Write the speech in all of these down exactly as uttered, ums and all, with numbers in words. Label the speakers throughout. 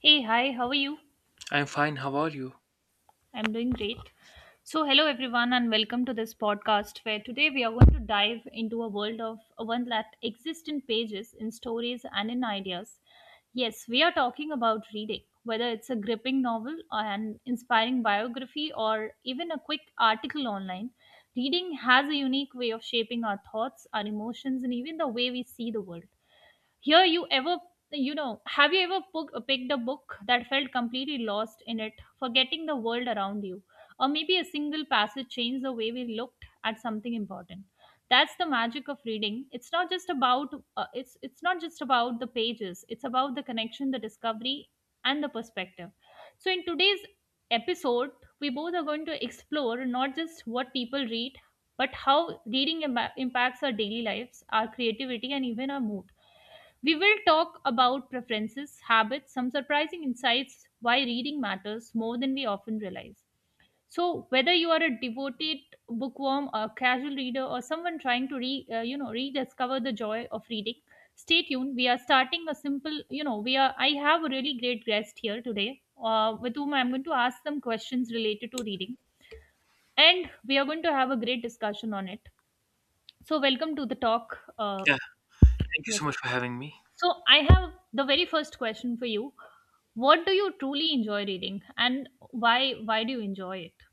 Speaker 1: Hey, hi, how are you?
Speaker 2: I'm fine. How are you?
Speaker 1: I'm doing great. So, hello everyone, and welcome to this podcast where today we are going to dive into a world of a one that exists in pages, in stories, and in ideas. Yes, we are talking about reading, whether it's a gripping novel, uh, an inspiring biography, or even a quick article online. Reading has a unique way of shaping our thoughts, our emotions, and even the way we see the world. Here, you ever, you know, have you ever pook- picked a book that felt completely lost in it, forgetting the world around you? Or maybe a single passage changed the way we looked at something important. That's the magic of reading. It's not just about uh, it's it's not just about the pages. It's about the connection, the discovery, and the perspective. So in today's episode, we both are going to explore not just what people read, but how reading imba- impacts our daily lives, our creativity, and even our mood. We will talk about preferences, habits, some surprising insights why reading matters more than we often realize. So, whether you are a devoted bookworm, a casual reader, or someone trying to re, uh, you know rediscover the joy of reading, stay tuned. We are starting a simple, you know, we are. I have a really great guest here today, uh, with whom I'm going to ask some questions related to reading, and we are going to have a great discussion on it. So, welcome to the talk. Uh,
Speaker 2: Yeah, thank you so
Speaker 1: yes.
Speaker 2: much for having me.
Speaker 1: So I have the very first question for you. What do you truly enjoy reading, and why why do you enjoy it?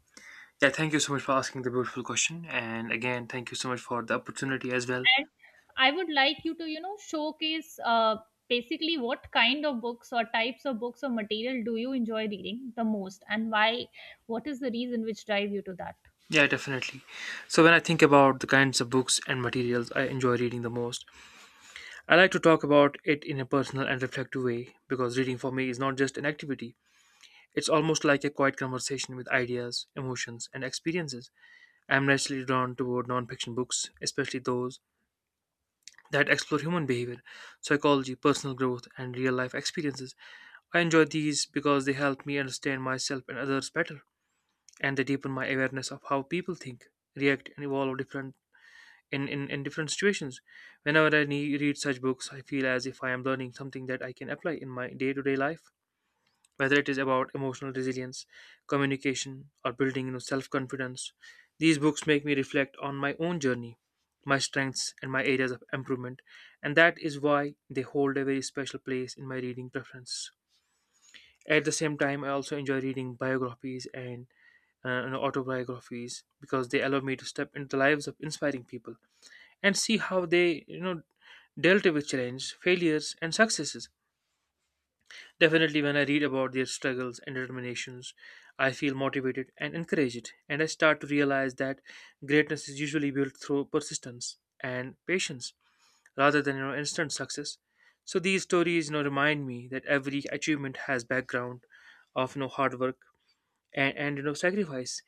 Speaker 2: Yeah, thank you so much for asking the beautiful question. And again, thank you so much for the opportunity as well.
Speaker 1: And I would like you to you know showcase uh, basically what kind of books or types of books or material do you enjoy reading the most, and why? What is the reason which drive you to that?
Speaker 2: Yeah, definitely. So, when I think about the kinds of books and materials I enjoy reading the most, I like to talk about it in a personal and reflective way because reading for me is not just an activity, it's almost like a quiet conversation with ideas, emotions, and experiences. I'm naturally drawn toward non-fiction books, especially those that explore human behavior, psychology, personal growth, and real life experiences. I enjoy these because they help me understand myself and others better, and they deepen my awareness of how people think, react, and evolve different in, in, in different situations. Whenever I ne- read such books, I feel as if I am learning something that I can apply in my day to day life, whether it is about emotional resilience, communication, or building you know, self confidence. These books make me reflect on my own journey, my strengths, and my areas of improvement, and that is why they hold a very special place in my reading preference. At the same time, I also enjoy reading biographies and uh, you know, autobiographies because they allow me to step into the lives of inspiring people and see how they, you know, dealt with challenge, failures, and successes. Definitely, when I read about their struggles and determinations, I feel motivated and encouraged, and I start to realize that greatness is usually built through persistence and patience rather than you know, instant success. So these stories, you know, remind me that every achievement has background of you know, hard work and, and you know sacrifice,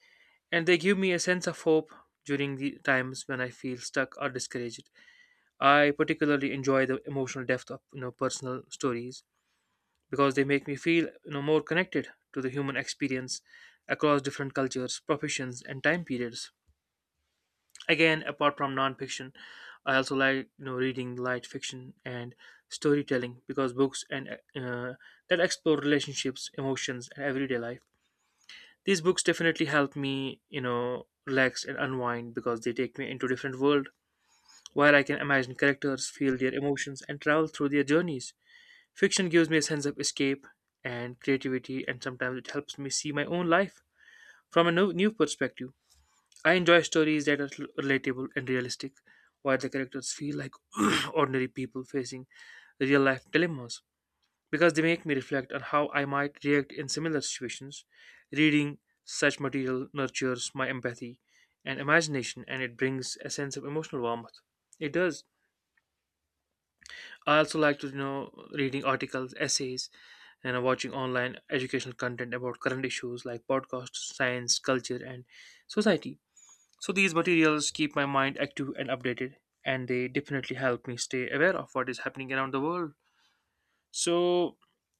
Speaker 2: and they give me a sense of hope during the times when I feel stuck or discouraged. I particularly enjoy the emotional depth of you know personal stories because they make me feel you know more connected to the human experience across different cultures, professions, and time periods. Again, apart from nonfiction, I also like you know reading light fiction and storytelling because books and uh, that explore relationships, emotions, and everyday life. These books definitely help me, you know, relax and unwind because they take me into a different world where I can imagine characters, feel their emotions and travel through their journeys. Fiction gives me a sense of escape and creativity, and sometimes it helps me see my own life from a new, new perspective. I enjoy stories that are rel- relatable and realistic where the characters feel like ordinary people facing real life dilemmas because they make me reflect on how I might react in similar situations. Reading such material nurtures my empathy and imagination, and it brings a sense of emotional warmth. It does. I also like to you know reading articles, essays, and watching online educational content about current issues like podcasts, science, culture, and society. So these materials keep my mind active and updated, and they definitely help me stay aware of what is happening around the world. So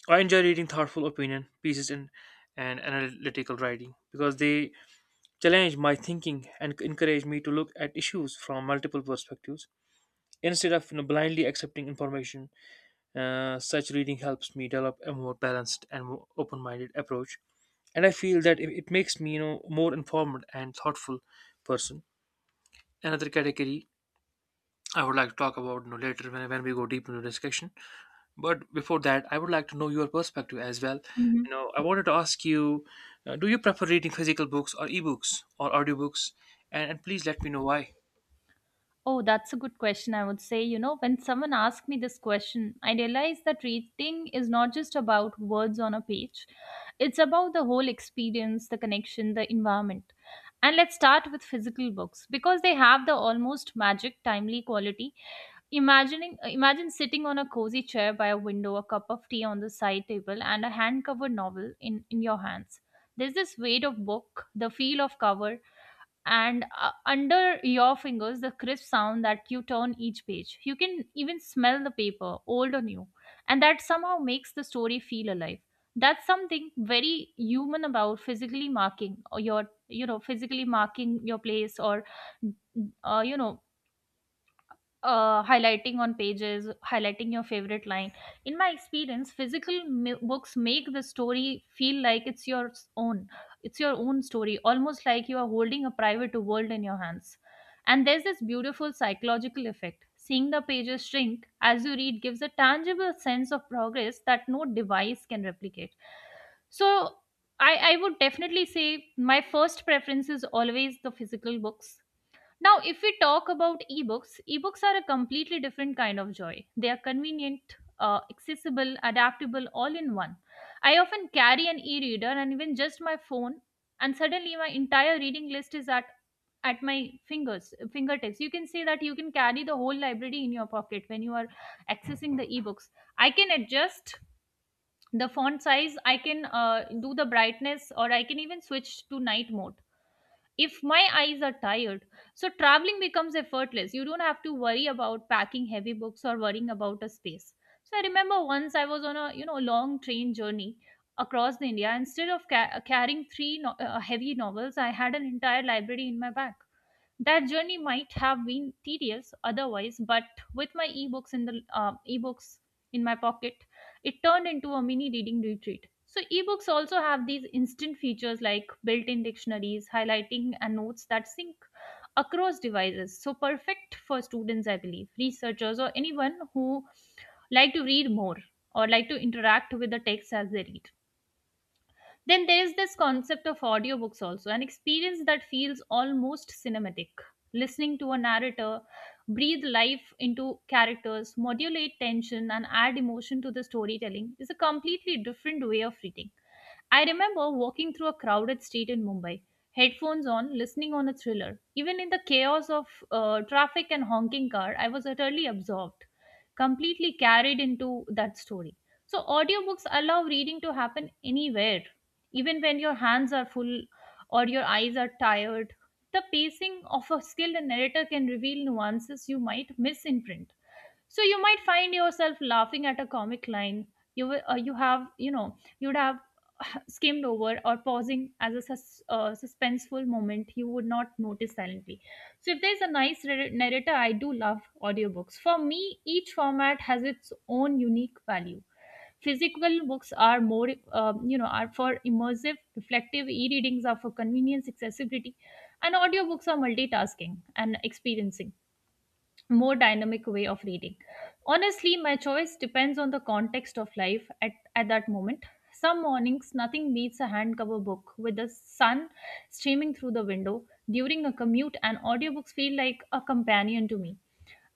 Speaker 2: I enjoy reading thoughtful opinion pieces and and analytical writing because they challenge my thinking and encourage me to look at issues from multiple perspectives instead of you know, blindly accepting information. Uh, such reading helps me develop a more balanced and more open-minded approach, and I feel that it, it makes me you know more informed and thoughtful person. Another category I would like to talk about you know, later when, when we go deep into discussion. But before that, I would like to know your perspective as well.
Speaker 1: Mhm.
Speaker 2: You know, I wanted to ask you, uh, do you prefer reading physical books or ebooks or audiobooks? And, and please let me know why.
Speaker 1: Oh, that's a good question. I would say, you know, when someone asked me this question, I realized that reading is not just about words on a page, it's about the whole experience, the connection, the environment. And let's start with physical books because they have the almost magic, timely quality. Imagining, imagine sitting on a cozy chair by a window, a cup of tea on the side table, and a hand covered novel in, in your hands. There's this weight of book, the feel of cover, and uh, under your fingers, the crisp sound that you turn each page. You can even smell the paper, old or new, and that somehow makes the story feel alive. That's something very human about physically marking or your you know physically marking your place, or uh, you know uh, highlighting on pages, highlighting your favorite line. In my experience, physical mi- books make the story feel like it's your own. It's your own story, almost like you are holding a private world in your hands. And there's this beautiful psychological effect. Seeing the pages shrink as you read gives a tangible sense of progress that no device can replicate. So, I, I would definitely say my first preference is always the physical books. Now, if we talk about ebooks, ebooks are a completely different kind of joy. They are convenient, uh, accessible, adaptable, all in one. I often carry an e reader and even just my phone, and suddenly my entire reading list is at, at my fingers, fingertips. You can say that you can carry the whole library in your pocket when you are accessing the ebooks. I can adjust the font size, I can uh, do the brightness, or I can even switch to night mode if my eyes are tired. So traveling becomes effortless. You don't have to worry about packing heavy books or worrying about a space. So I remember once I was on a, you know, long train journey across the India. Instead of ca- carrying three no- uh, heavy novels, I had an entire library in my bag. That journey might have been tedious otherwise, but with my ebooks in the uh, ebooks in my pocket, it turned into a mini reading retreat. So ebooks also have these instant features like built-in dictionaries, highlighting and notes that sync across devices. So perfect for students, I believe, researchers, or anyone who like to read more or like to interact with the text as they read. Then there is this concept of audiobooks also, an experience that feels almost cinematic. Listening to a narrator breathe life into characters, modulate tension, and add emotion to the storytelling is a completely different way of reading. I remember walking through a crowded street in Mumbai, headphones on, listening on a thriller. Even in the chaos of uh, traffic and honking car, I was utterly absorbed, completely carried into that story. So, audiobooks allow reading to happen anywhere, even when your hands are full or your eyes are tired. The pacing of a skilled narrator can reveal nuances you might miss in print. So, you might find yourself laughing at a comic line. You, will- uh, you have, you know, you'd have skimmed over, or pausing as a sus- uh, suspenseful moment you would not notice silently. So if there's a nice nar- narrator, I do love audiobooks. For me, each format has its own unique value. Physical books are more um, you know are for immersive reflective, e-readings are for convenience, accessibility, and audiobooks are multitasking and experiencing more dynamic way of reading. Honestly, my choice depends on the context of life at, at that moment. Some mornings, nothing beats a handcover book with the sun streaming through the window. During a commute, and audiobooks feel like a companion to me.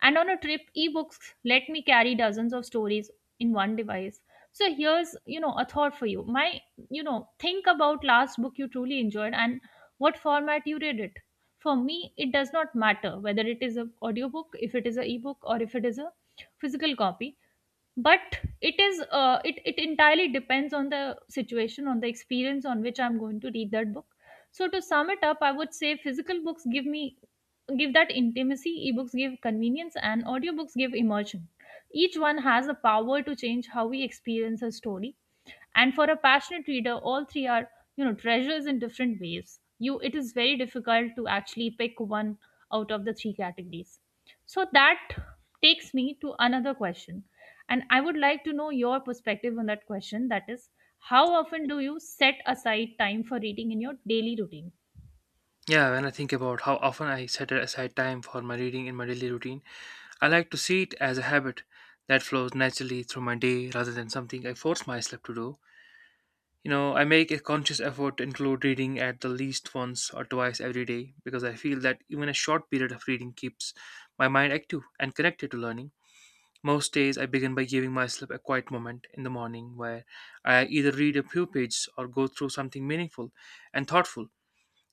Speaker 1: And on a trip, ebooks let me carry dozens of stories in one device. So here's, you know, a thought for you. My, you know, think about last book you truly enjoyed and what format you read it. For me, it does not matter whether it is an audiobook, if it is an ebook, or if it is a physical copy, but it is uh, it it entirely depends on the situation, on the experience on which I'm going to read that book. So to sum it up, I would say physical books give me, give that intimacy, ebooks give convenience, and audiobooks give immersion. Each one has the power to change how we experience a story, and for a passionate reader, all three are, you know, treasures in different ways. You, it is very difficult to actually pick one out of the three categories. So that takes me to another question, and I would like to know your perspective on that question, that is, how often do you set aside time for reading in your daily routine?
Speaker 2: Yeah, when I think about how often I set aside time for my reading in my daily routine, I like to see it as a habit that flows naturally through my day rather than something I force myself to do. You know, I make a conscious effort to include reading at the least once or twice every day because I feel that even a short period of reading keeps my mind active and connected to learning. Most days, I begin by giving myself a quiet moment in the morning where I either read a few pages or go through something meaningful and thoughtful.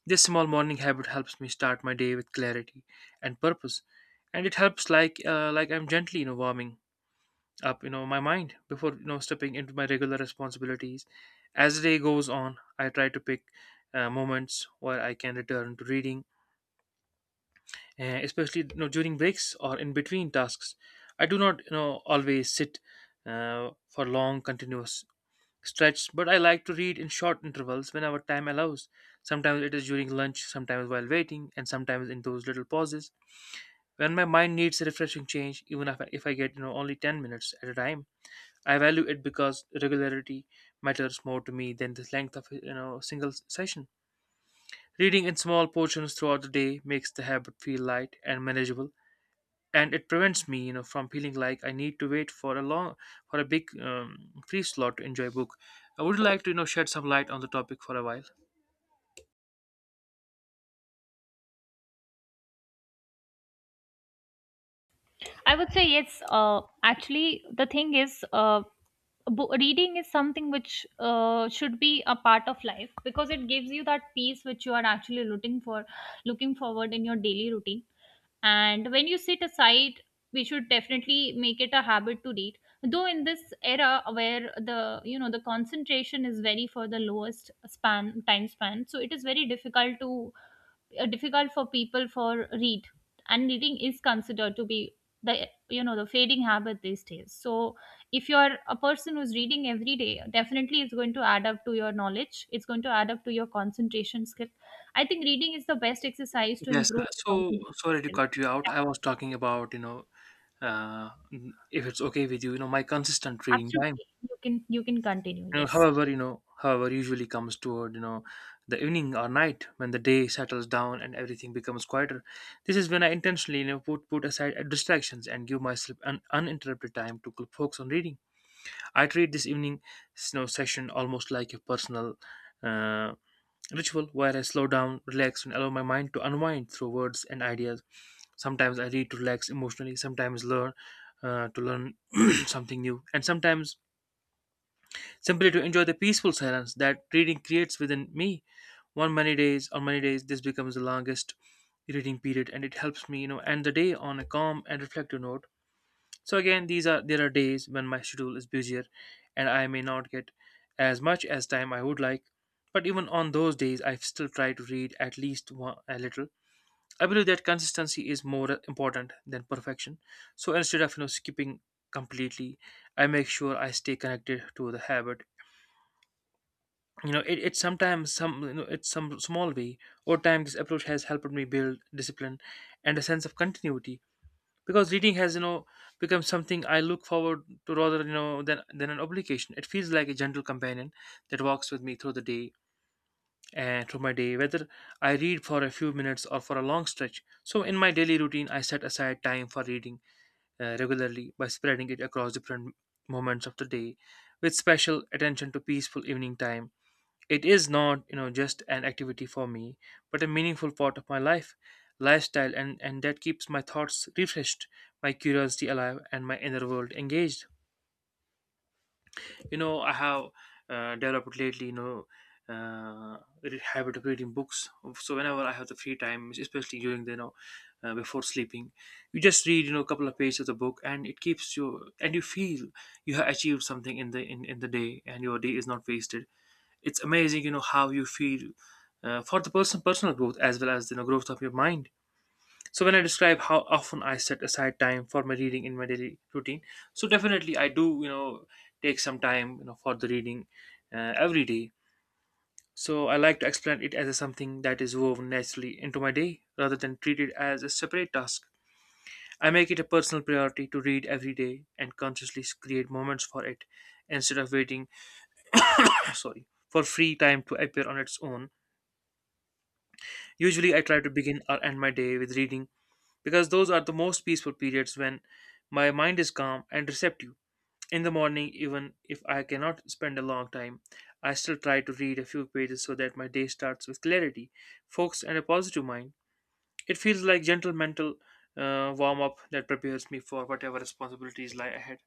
Speaker 2: This small morning habit helps me start my day with clarity and purpose, and it helps like uh, like I'm gently you know warming up you know my mind before you know stepping into my regular responsibilities. As the day goes on, I try to pick uh, moments where I can return to reading uh, especially you know, during breaks or in between tasks. I do not you know always sit uh, for long continuous stretches, but I like to read in short intervals whenever time allows. Sometimes it is during lunch, sometimes while waiting, and sometimes in those little pauses when my mind needs a refreshing change. Even if I, if I get you know only ten minutes at a time, I value it because regularity matters more to me than the length of you know a single session. Reading in small portions throughout the day makes the habit feel light and manageable, and it prevents me you know from feeling like I need to wait for a long for a big um, free slot to enjoy a book. I would like to you know shed some light on the topic for a while.
Speaker 1: I would say yes. Uh, actually, the thing is, uh, bo- reading is something which uh, should be a part of life because it gives you that peace which you are actually looking for, looking forward in your daily routine. And when you sit aside, we should definitely make it a habit to read. Though in this era where the, you know, the concentration is very for the lowest span, time span, so it is very difficult to uh, difficult for people for read, and reading is considered to be the, you know, the fading habit these days. So if you're a person who's reading every day, definitely it's going to add up to your knowledge, it's going to add up to your concentration skill. I think reading is the best exercise to
Speaker 2: Yes,
Speaker 1: improve your
Speaker 2: so
Speaker 1: concentration
Speaker 2: sorry to
Speaker 1: skill.
Speaker 2: cut you out.
Speaker 1: Yeah,
Speaker 2: I was talking about you know uh, if it's okay with you, you know my consistent reading time,
Speaker 1: absolutely, you can, you can continue,
Speaker 2: you know,
Speaker 1: yes.
Speaker 2: however you know however usually comes toward you know the evening or night when the day settles down and everything becomes quieter. This is when I intentionally you know put put aside uh, distractions and give myself an uninterrupted time to focus on reading. I treat this evening snow session almost like a personal uh, ritual where I slow down, relax, and allow my mind to unwind through words and ideas. Sometimes I read to relax emotionally, sometimes learn uh, to learn something new, and sometimes simply to enjoy the peaceful silence that reading creates within me. One many days, on many days, this becomes the longest reading period, and it helps me, you know, end the day on a calm and reflective note. So again, these are there are days when my schedule is busier and I may not get as much as time I would like. But even on those days, I still try to read at least one, a little. I believe that consistency is more important than perfection. So instead of you know skipping completely, I make sure I stay connected to the habit. You know, it, it sometimes some you know it's some small way. Over time, this approach has helped me build discipline and a sense of continuity because reading has you know become something I look forward to rather you know than than an obligation. It feels like a gentle companion that walks with me through the day and through my day, whether I read for a few minutes or for a long stretch. So in my daily routine, I set aside time for reading uh, regularly by spreading it across different moments of the day with special attention to peaceful evening time. It is not, you know, just an activity for me, but a meaningful part of my life, lifestyle, and, and that keeps my thoughts refreshed, my curiosity alive, and my inner world engaged. You know, I have uh, developed lately, you know, uh, the habit of reading books. So whenever I have the free time, especially during the, you know, uh, before sleeping, you just read, you know, a couple of pages of the book, and it keeps you, and you feel you have achieved something in the in, in the day, and your day is not wasted. It's amazing, you know, how you feel uh, for the person personal growth as well as the you know, growth of your mind. So when I describe how often I set aside time for my reading in my daily routine, so definitely I do, you know, take some time, you know, for the reading uh, every day. So I like to explain it as a something that is woven naturally into my day rather than treated as a separate task. I make it a personal priority to read every day and consciously create moments for it instead of waiting sorry for free time to appear on its own. Usually, I try to begin or end my day with reading because those are the most peaceful periods when my mind is calm and receptive. In the morning, even if I cannot spend a long time, I still try to read a few pages so that my day starts with clarity, focus, and a positive mind. It feels like gentle mental uh, warm up that prepares me for whatever responsibilities lie ahead.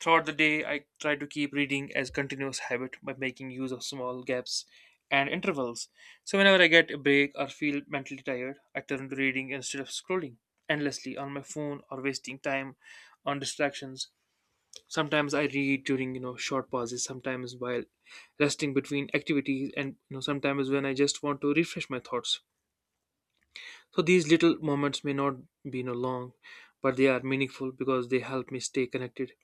Speaker 2: Throughout the day, I try to keep reading as continuous habit by making use of small gaps and intervals. So whenever I get a break or feel mentally tired, I turn to reading instead of scrolling endlessly on my phone or wasting time on distractions. Sometimes I read during, you know, short pauses, sometimes while resting between activities, and you know sometimes when I just want to refresh my thoughts. So these little moments may not be no long, but they are meaningful because they help me stay connected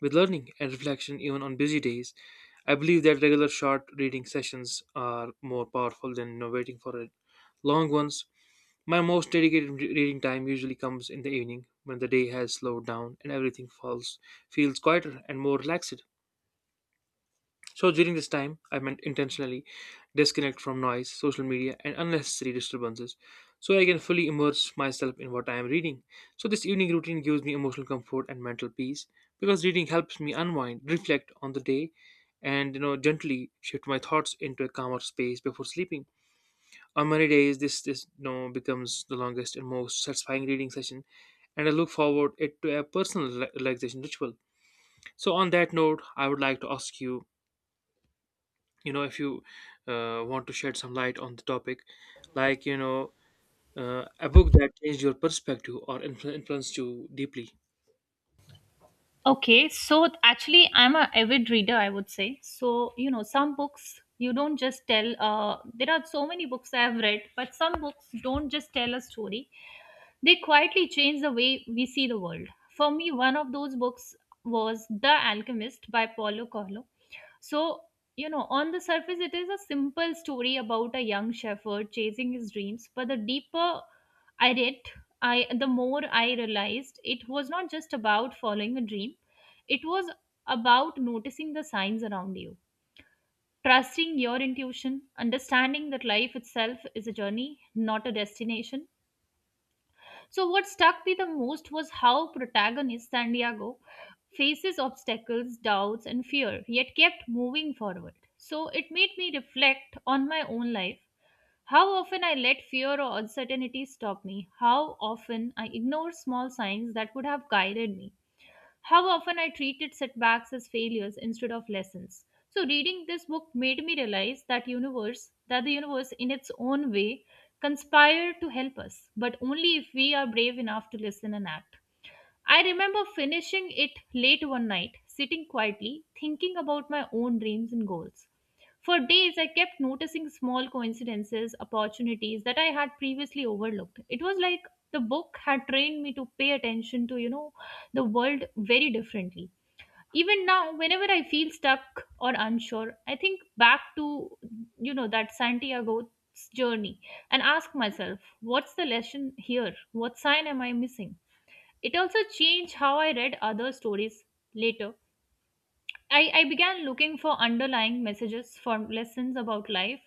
Speaker 2: with learning and reflection even on busy days. I believe that regular short reading sessions are more powerful than you know, waiting for a long ones. My most dedicated re- reading time usually comes in the evening when the day has slowed down and everything falls feels quieter and more relaxed. So during this time, I meant intentionally disconnect from noise, social media, and unnecessary disturbances so I can fully immerse myself in what I am reading. So this evening routine gives me emotional comfort and mental peace because reading helps me unwind, reflect on the day, and you know gently shift my thoughts into a calmer space before sleeping. On many days this this you know becomes the longest and most satisfying reading session, and I look forward it to a personal rela- relaxation ritual. So on that note, I would like to ask you, you know if you uh, want to shed some light on the topic, like you know uh, a book that changed your perspective or influ- influenced you deeply.
Speaker 1: Okay, so actually, I'm a avid reader, I would say. So, you know, some books you don't just tell, uh, there are so many books I have read, but some books don't just tell a story, they quietly change the way we see the world. For me, one of those books was The Alchemist by Paulo Coelho. So, you know, on the surface, it is a simple story about a young shepherd chasing his dreams, but the deeper I read, I the more I realized it was not just about following a dream. It was about noticing the signs around you, trusting your intuition, understanding that life itself is a journey, not a destination. So what stuck me the most was how protagonist Santiago faces obstacles, doubts, and fear, yet kept moving forward. So it made me reflect on my own life, how often I let fear or uncertainty stop me. How often I ignore small signs that would have guided me. How often I treated setbacks as failures instead of lessons. So reading this book made me realize that universe that the universe in its own way conspire to help us, but only if we are brave enough to listen and act. I remember finishing it late one night, sitting quietly, thinking about my own dreams and goals. For days, I kept noticing small coincidences, opportunities that I had previously overlooked. It was like the book had trained me to pay attention to, you know, the world very differently. Even now, whenever I feel stuck or unsure, I think back to, you know, that Santiago's journey, and ask myself, what's the lesson here? What sign am I missing? It also changed how I read other stories later. I, I began looking for underlying messages, for lessons about life,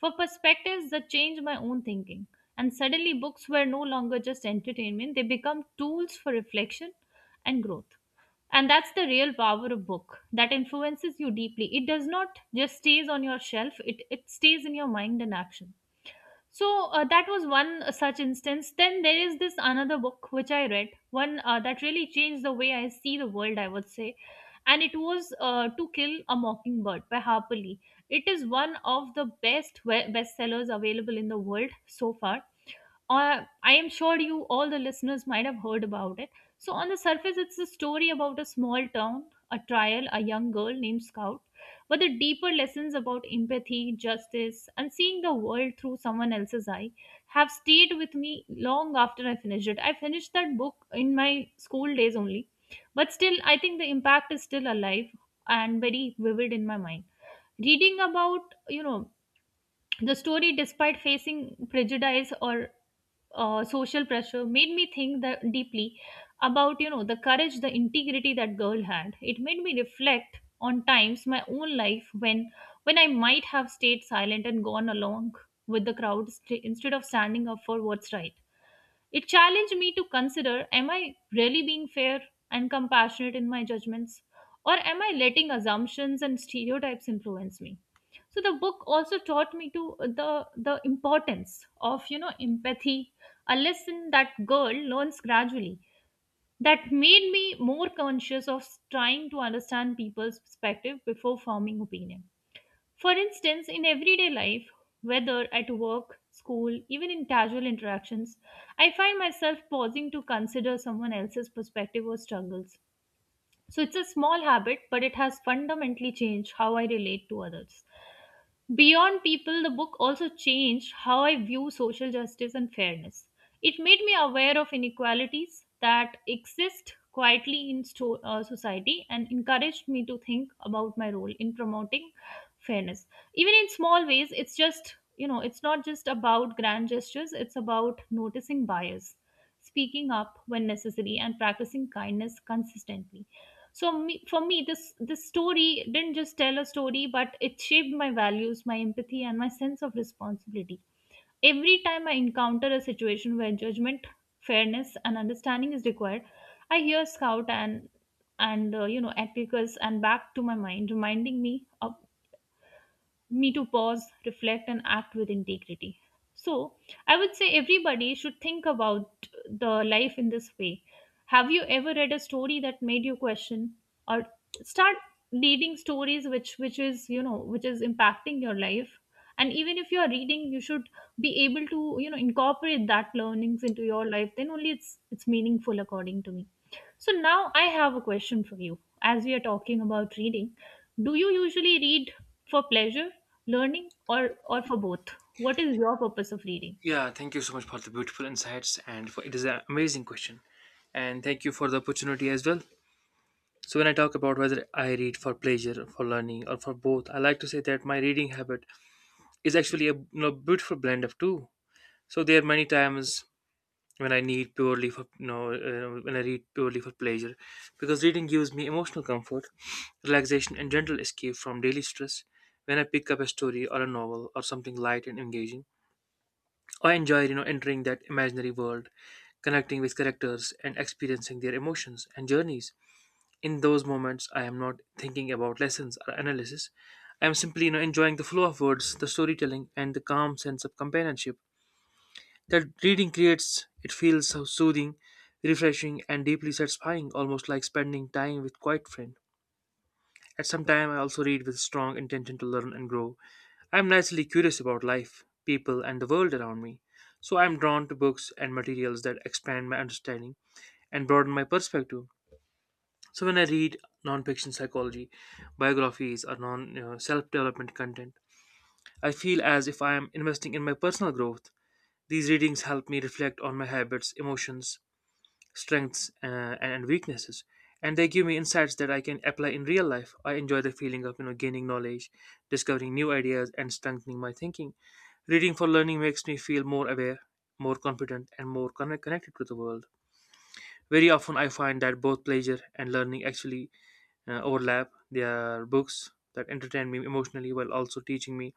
Speaker 1: for perspectives that change my own thinking. And suddenly, books were no longer just entertainment, they become tools for reflection and growth. And that's the real power of book that influences you deeply. It does not just stays on your shelf, it, it stays in your mind and action. So uh, that was one uh, such instance. Then there is this another book which I read, one uh, that really changed the way I see the world, I would say. And it was uh, To Kill a Mockingbird by Harper Lee. It is one of the best we- bestsellers available in the world so far. uh, I am sure you, all the listeners, might have heard about it. So, on the surface, it's a story about a small town, a trial, a young girl named Scout. But the deeper lessons about empathy, justice, and seeing the world through someone else's eye have stayed with me long after I finished it. I finished that book in my school days only. But still, I think the impact is still alive and very vivid in my mind. Reading about, you know, the story despite facing prejudice or uh, social pressure made me think that deeply about you know the courage, the integrity that girl had. It made me reflect on times my own life when when I might have stayed silent and gone along with the crowd, st- instead of standing up for what's right. It challenged me to consider, am I really being fair and compassionate in my judgments? Or am I letting assumptions and stereotypes influence me? So the book also taught me to the the importance of you know empathy, a lesson that girl learns gradually. That made me more conscious of trying to understand people's perspective before forming opinion. For instance, in everyday life, whether at work, school, even in casual interactions, I find myself pausing to consider someone else's perspective or struggles. So it's a small habit, but it has fundamentally changed how I relate to others. Beyond People, the book also changed how I view social justice and fairness. It made me aware of inequalities that exist quietly in sto- uh, society, and encouraged me to think about my role in promoting fairness. Even in small ways, it's just, you know, it's not just about grand gestures, it's about noticing bias, speaking up when necessary, and practicing kindness consistently. So me, for me, this this story didn't just tell a story, but it shaped my values, my empathy, and my sense of responsibility. Every time I encounter a situation where judgment, fairness, and understanding is required, I hear Scout and and uh, you know Atticus and back to my mind, reminding me of me to pause, reflect, and act with integrity. So I would say everybody should think about the life in this way. Have you ever read a story that made you question or start reading stories which which is, you know, which is impacting your life? And even if you are reading, you should be able to, you know, incorporate that learnings into your life. Then only it's it's meaningful according to me. So now I have a question for you. As we are talking about reading, do you usually read for pleasure, learning, or or for both? What is your purpose of reading?
Speaker 2: Yeah, thank you so much for the beautiful insights, and for it is an amazing question, and thank you for the opportunity as well. So when I talk about whether I read for pleasure, for learning, or for both, I like to say that my reading habit is actually a, you know, beautiful blend of two. So there are many times when I need purely for no uh, when I read purely for pleasure, because reading gives me emotional comfort, relaxation, and gentle escape from daily stress. When I pick up a story or a novel or something light and engaging, I enjoy you know entering that imaginary world, connecting with characters and experiencing their emotions and journeys. In those moments, I am not thinking about lessons or analysis. I am simply, you know, enjoying the flow of words, the storytelling, and the calm sense of companionship that reading creates. It feels so soothing, refreshing, and deeply satisfying, almost like spending time with quiet friend. At some time, I also read with strong intention to learn and grow. I am naturally curious about life, people, and the world around me, so I am drawn to books and materials that expand my understanding and broaden my perspective. So when I read non-fiction psychology, biographies, or non you know, self-development content, I feel as if I am investing in my personal growth. These readings help me reflect on my habits, emotions, strengths, uh, and weaknesses, and they give me insights that I can apply in real life. I enjoy the feeling of you know gaining knowledge, discovering new ideas, and strengthening my thinking. Reading for learning makes me feel more aware, more confident, and more connect- connected to the world. Very often, I find that both pleasure and learning actually uh, overlap. They are books that entertain me emotionally while also teaching me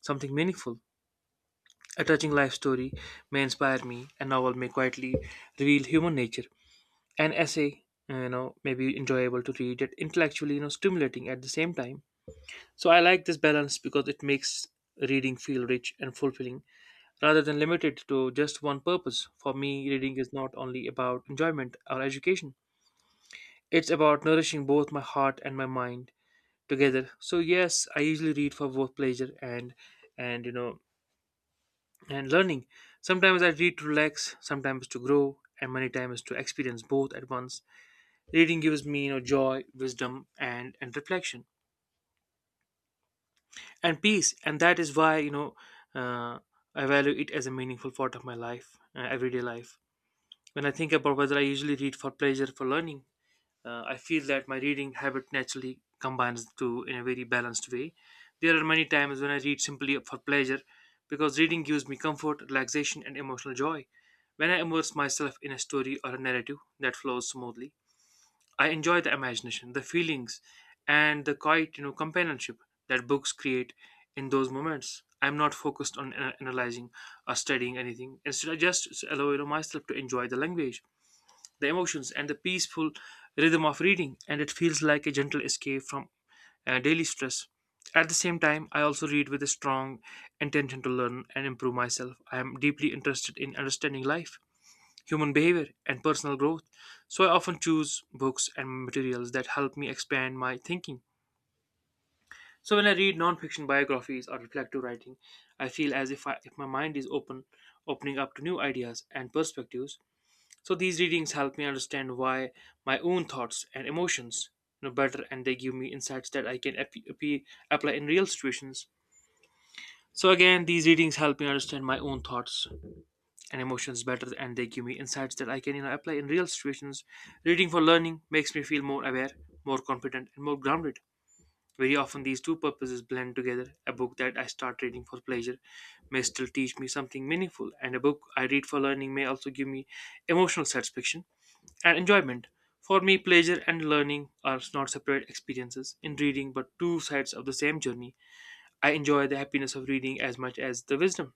Speaker 2: something meaningful. A touching life story may inspire me, a novel may quietly reveal human nature, an essay uh, you know maybe enjoyable to read yet intellectually you know stimulating at the same time. So I like this balance because it makes reading feel rich and fulfilling rather than limited to just one purpose. For me, reading is not only about enjoyment or education, it's about nourishing both my heart and my mind together. So yes, I usually read for both pleasure and and you know and learning. Sometimes I read to relax, sometimes to grow, and many times to experience both at once. Reading gives me, you know, joy, wisdom, and and reflection, and peace. And that is why, you know, uh, I value it as a meaningful part of my life, uh, everyday life. When I think about whether I usually read for pleasure, for learning, uh, I feel that my reading habit naturally combines the two in a very balanced way. There are many times when I read simply for pleasure, because reading gives me comfort, relaxation, and emotional joy. When I immerse myself in a story or a narrative that flows smoothly, I enjoy the imagination, the feelings, and the quiet, you know, companionship that books create in those moments. I'm not focused on ana- analyzing or studying anything. Instead, I just s- allow you know, myself to enjoy the language, the emotions, and the peaceful rhythm of reading. And it feels like a gentle escape from uh, daily stress. At the same time, I also read with a strong intention to learn and improve myself. I am deeply interested in understanding life, human behavior, and personal growth. So I often choose books and materials that help me expand my thinking. So when I read non-fiction biographies or reflective writing, I feel as if I, if my mind is open, opening up to new ideas and perspectives. So these readings help me understand why my own thoughts and emotions you know better, and they give me insights that I can ap- ap- apply in real situations. So again, these readings help me understand my own thoughts and emotions better, and they give me insights that I can you know apply in real situations. Reading for learning makes me feel more aware, more confident, and more grounded. Very often these two purposes blend together. A book that I start reading for pleasure may still teach me something meaningful, and a book I read for learning may also give me emotional satisfaction and enjoyment. For me, pleasure and learning are not separate experiences in reading, but two sides of the same journey. I enjoy the happiness of reading as much as the wisdom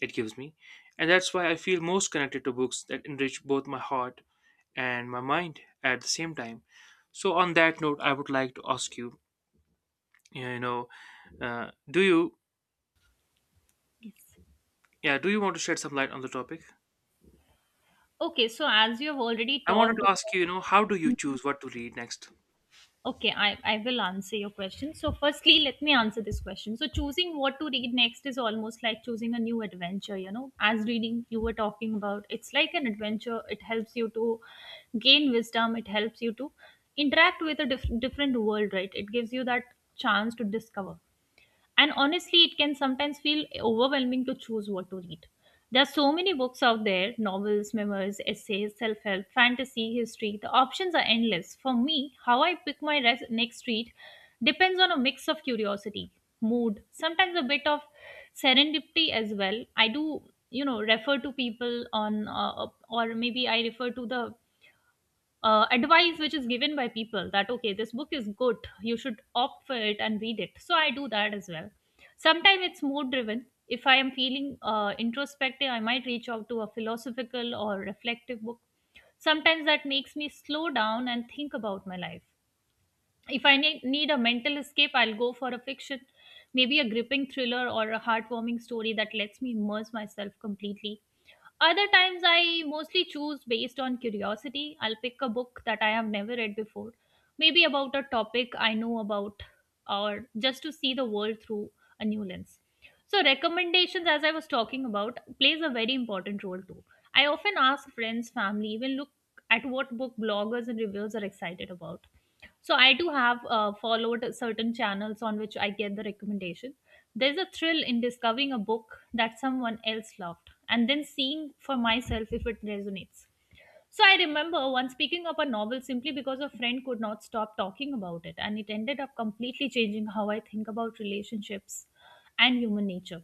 Speaker 2: it gives me. And that's why I feel most connected to books that enrich both my heart and my mind at the same time. So on that note, I would like to ask you, you know, uh, do you,
Speaker 1: Yes.
Speaker 2: yeah, do you want to shed some light on the topic?
Speaker 1: Okay, so as you have already
Speaker 2: I wanted
Speaker 1: talked.
Speaker 2: to ask you, you know, how do you choose what to read next?
Speaker 1: Okay, I, I will answer your question. So firstly, let me answer this question. So choosing what to read next is almost like choosing a new adventure, you know, as reading you were talking about. It's like an adventure, it helps you to gain wisdom, it helps you to interact with a diff- different world, right? It gives you that chance to discover. And honestly, it can sometimes feel overwhelming to choose what to read. There are so many books out there, novels, memoirs, essays, self-help, fantasy, history, the options are endless. For me, how I pick my res- next read depends on a mix of curiosity, mood, sometimes a bit of serendipity as well. I do, you know, refer to people on, uh, or maybe I refer to the uh, advice which is given by people that okay, this book is good, you should opt for it and read it. So I do that as well. Sometimes it's mood driven. If I am feeling uh, introspective, I might reach out to a philosophical or reflective book. Sometimes that makes me slow down and think about my life. If I ne- need a mental escape, I'll go for a fiction, maybe a gripping thriller or a heartwarming story that lets me immerse myself completely. Other times, I mostly choose based on curiosity. I'll pick a book that I have never read before, maybe about a topic I know about, or just to see the world through a new lens. So recommendations, as I was talking about, plays a very important role too. I often ask friends, family, even look at what book bloggers and reviewers are excited about. So I do have uh, followed certain channels on which I get the recommendation. There's a thrill in discovering a book that someone else loved and then seeing for myself if it resonates. So I remember once picking up a novel simply because a friend could not stop talking about it, and it ended up completely changing how I think about relationships and human nature.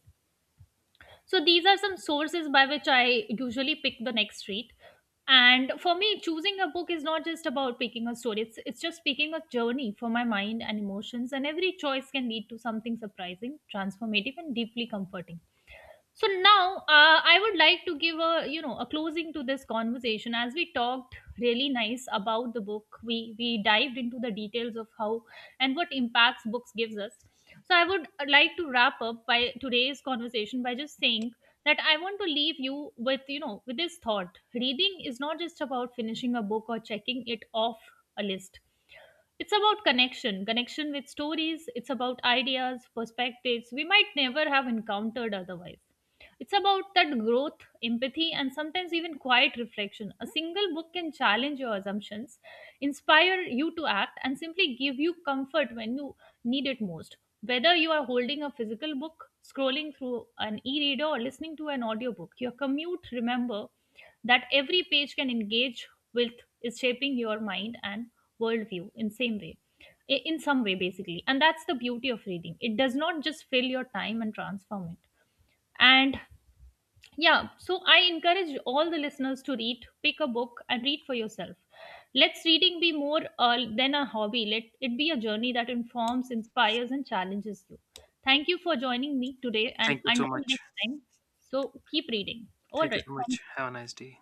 Speaker 1: So these are some sources by which I usually pick the next read. And for me, choosing a book is not just about picking a story. It's it's just picking a journey for my mind and emotions. And every choice can lead to something surprising, transformative, and deeply comforting. So now, uh, I would like to give a, you know, a closing to this conversation, as we talked really nice about the book. We we dived into the details of how and what impacts books gives us. So I would like to wrap up by today's conversation by just saying that I want to leave you with, you know, with this thought. Reading is not just about finishing a book or checking it off a list. It's about connection, connection with stories. It's about ideas, perspectives we might never have encountered otherwise. It's about that growth, empathy, and sometimes even quiet reflection. A single book can challenge your assumptions, inspire you to act, and simply give you comfort when you need it most. Whether you are holding a physical book, scrolling through an e reader, or listening to an audiobook, your commute, remember that every page can engage with is shaping your mind and worldview in same way, i- in some way basically. And that's the beauty of reading, it does not just fill your time and transform it. And yeah, so I encourage all the listeners to read, pick a book, and read for yourself. Let's reading be more uh, than a hobby. Let it be a journey that informs, inspires, and challenges you. Thank you for joining me today, and
Speaker 2: Thank you so
Speaker 1: until
Speaker 2: much.
Speaker 1: next time. So keep reading. All
Speaker 2: Thank you
Speaker 1: right,
Speaker 2: so much.
Speaker 1: thank
Speaker 2: Have a nice day.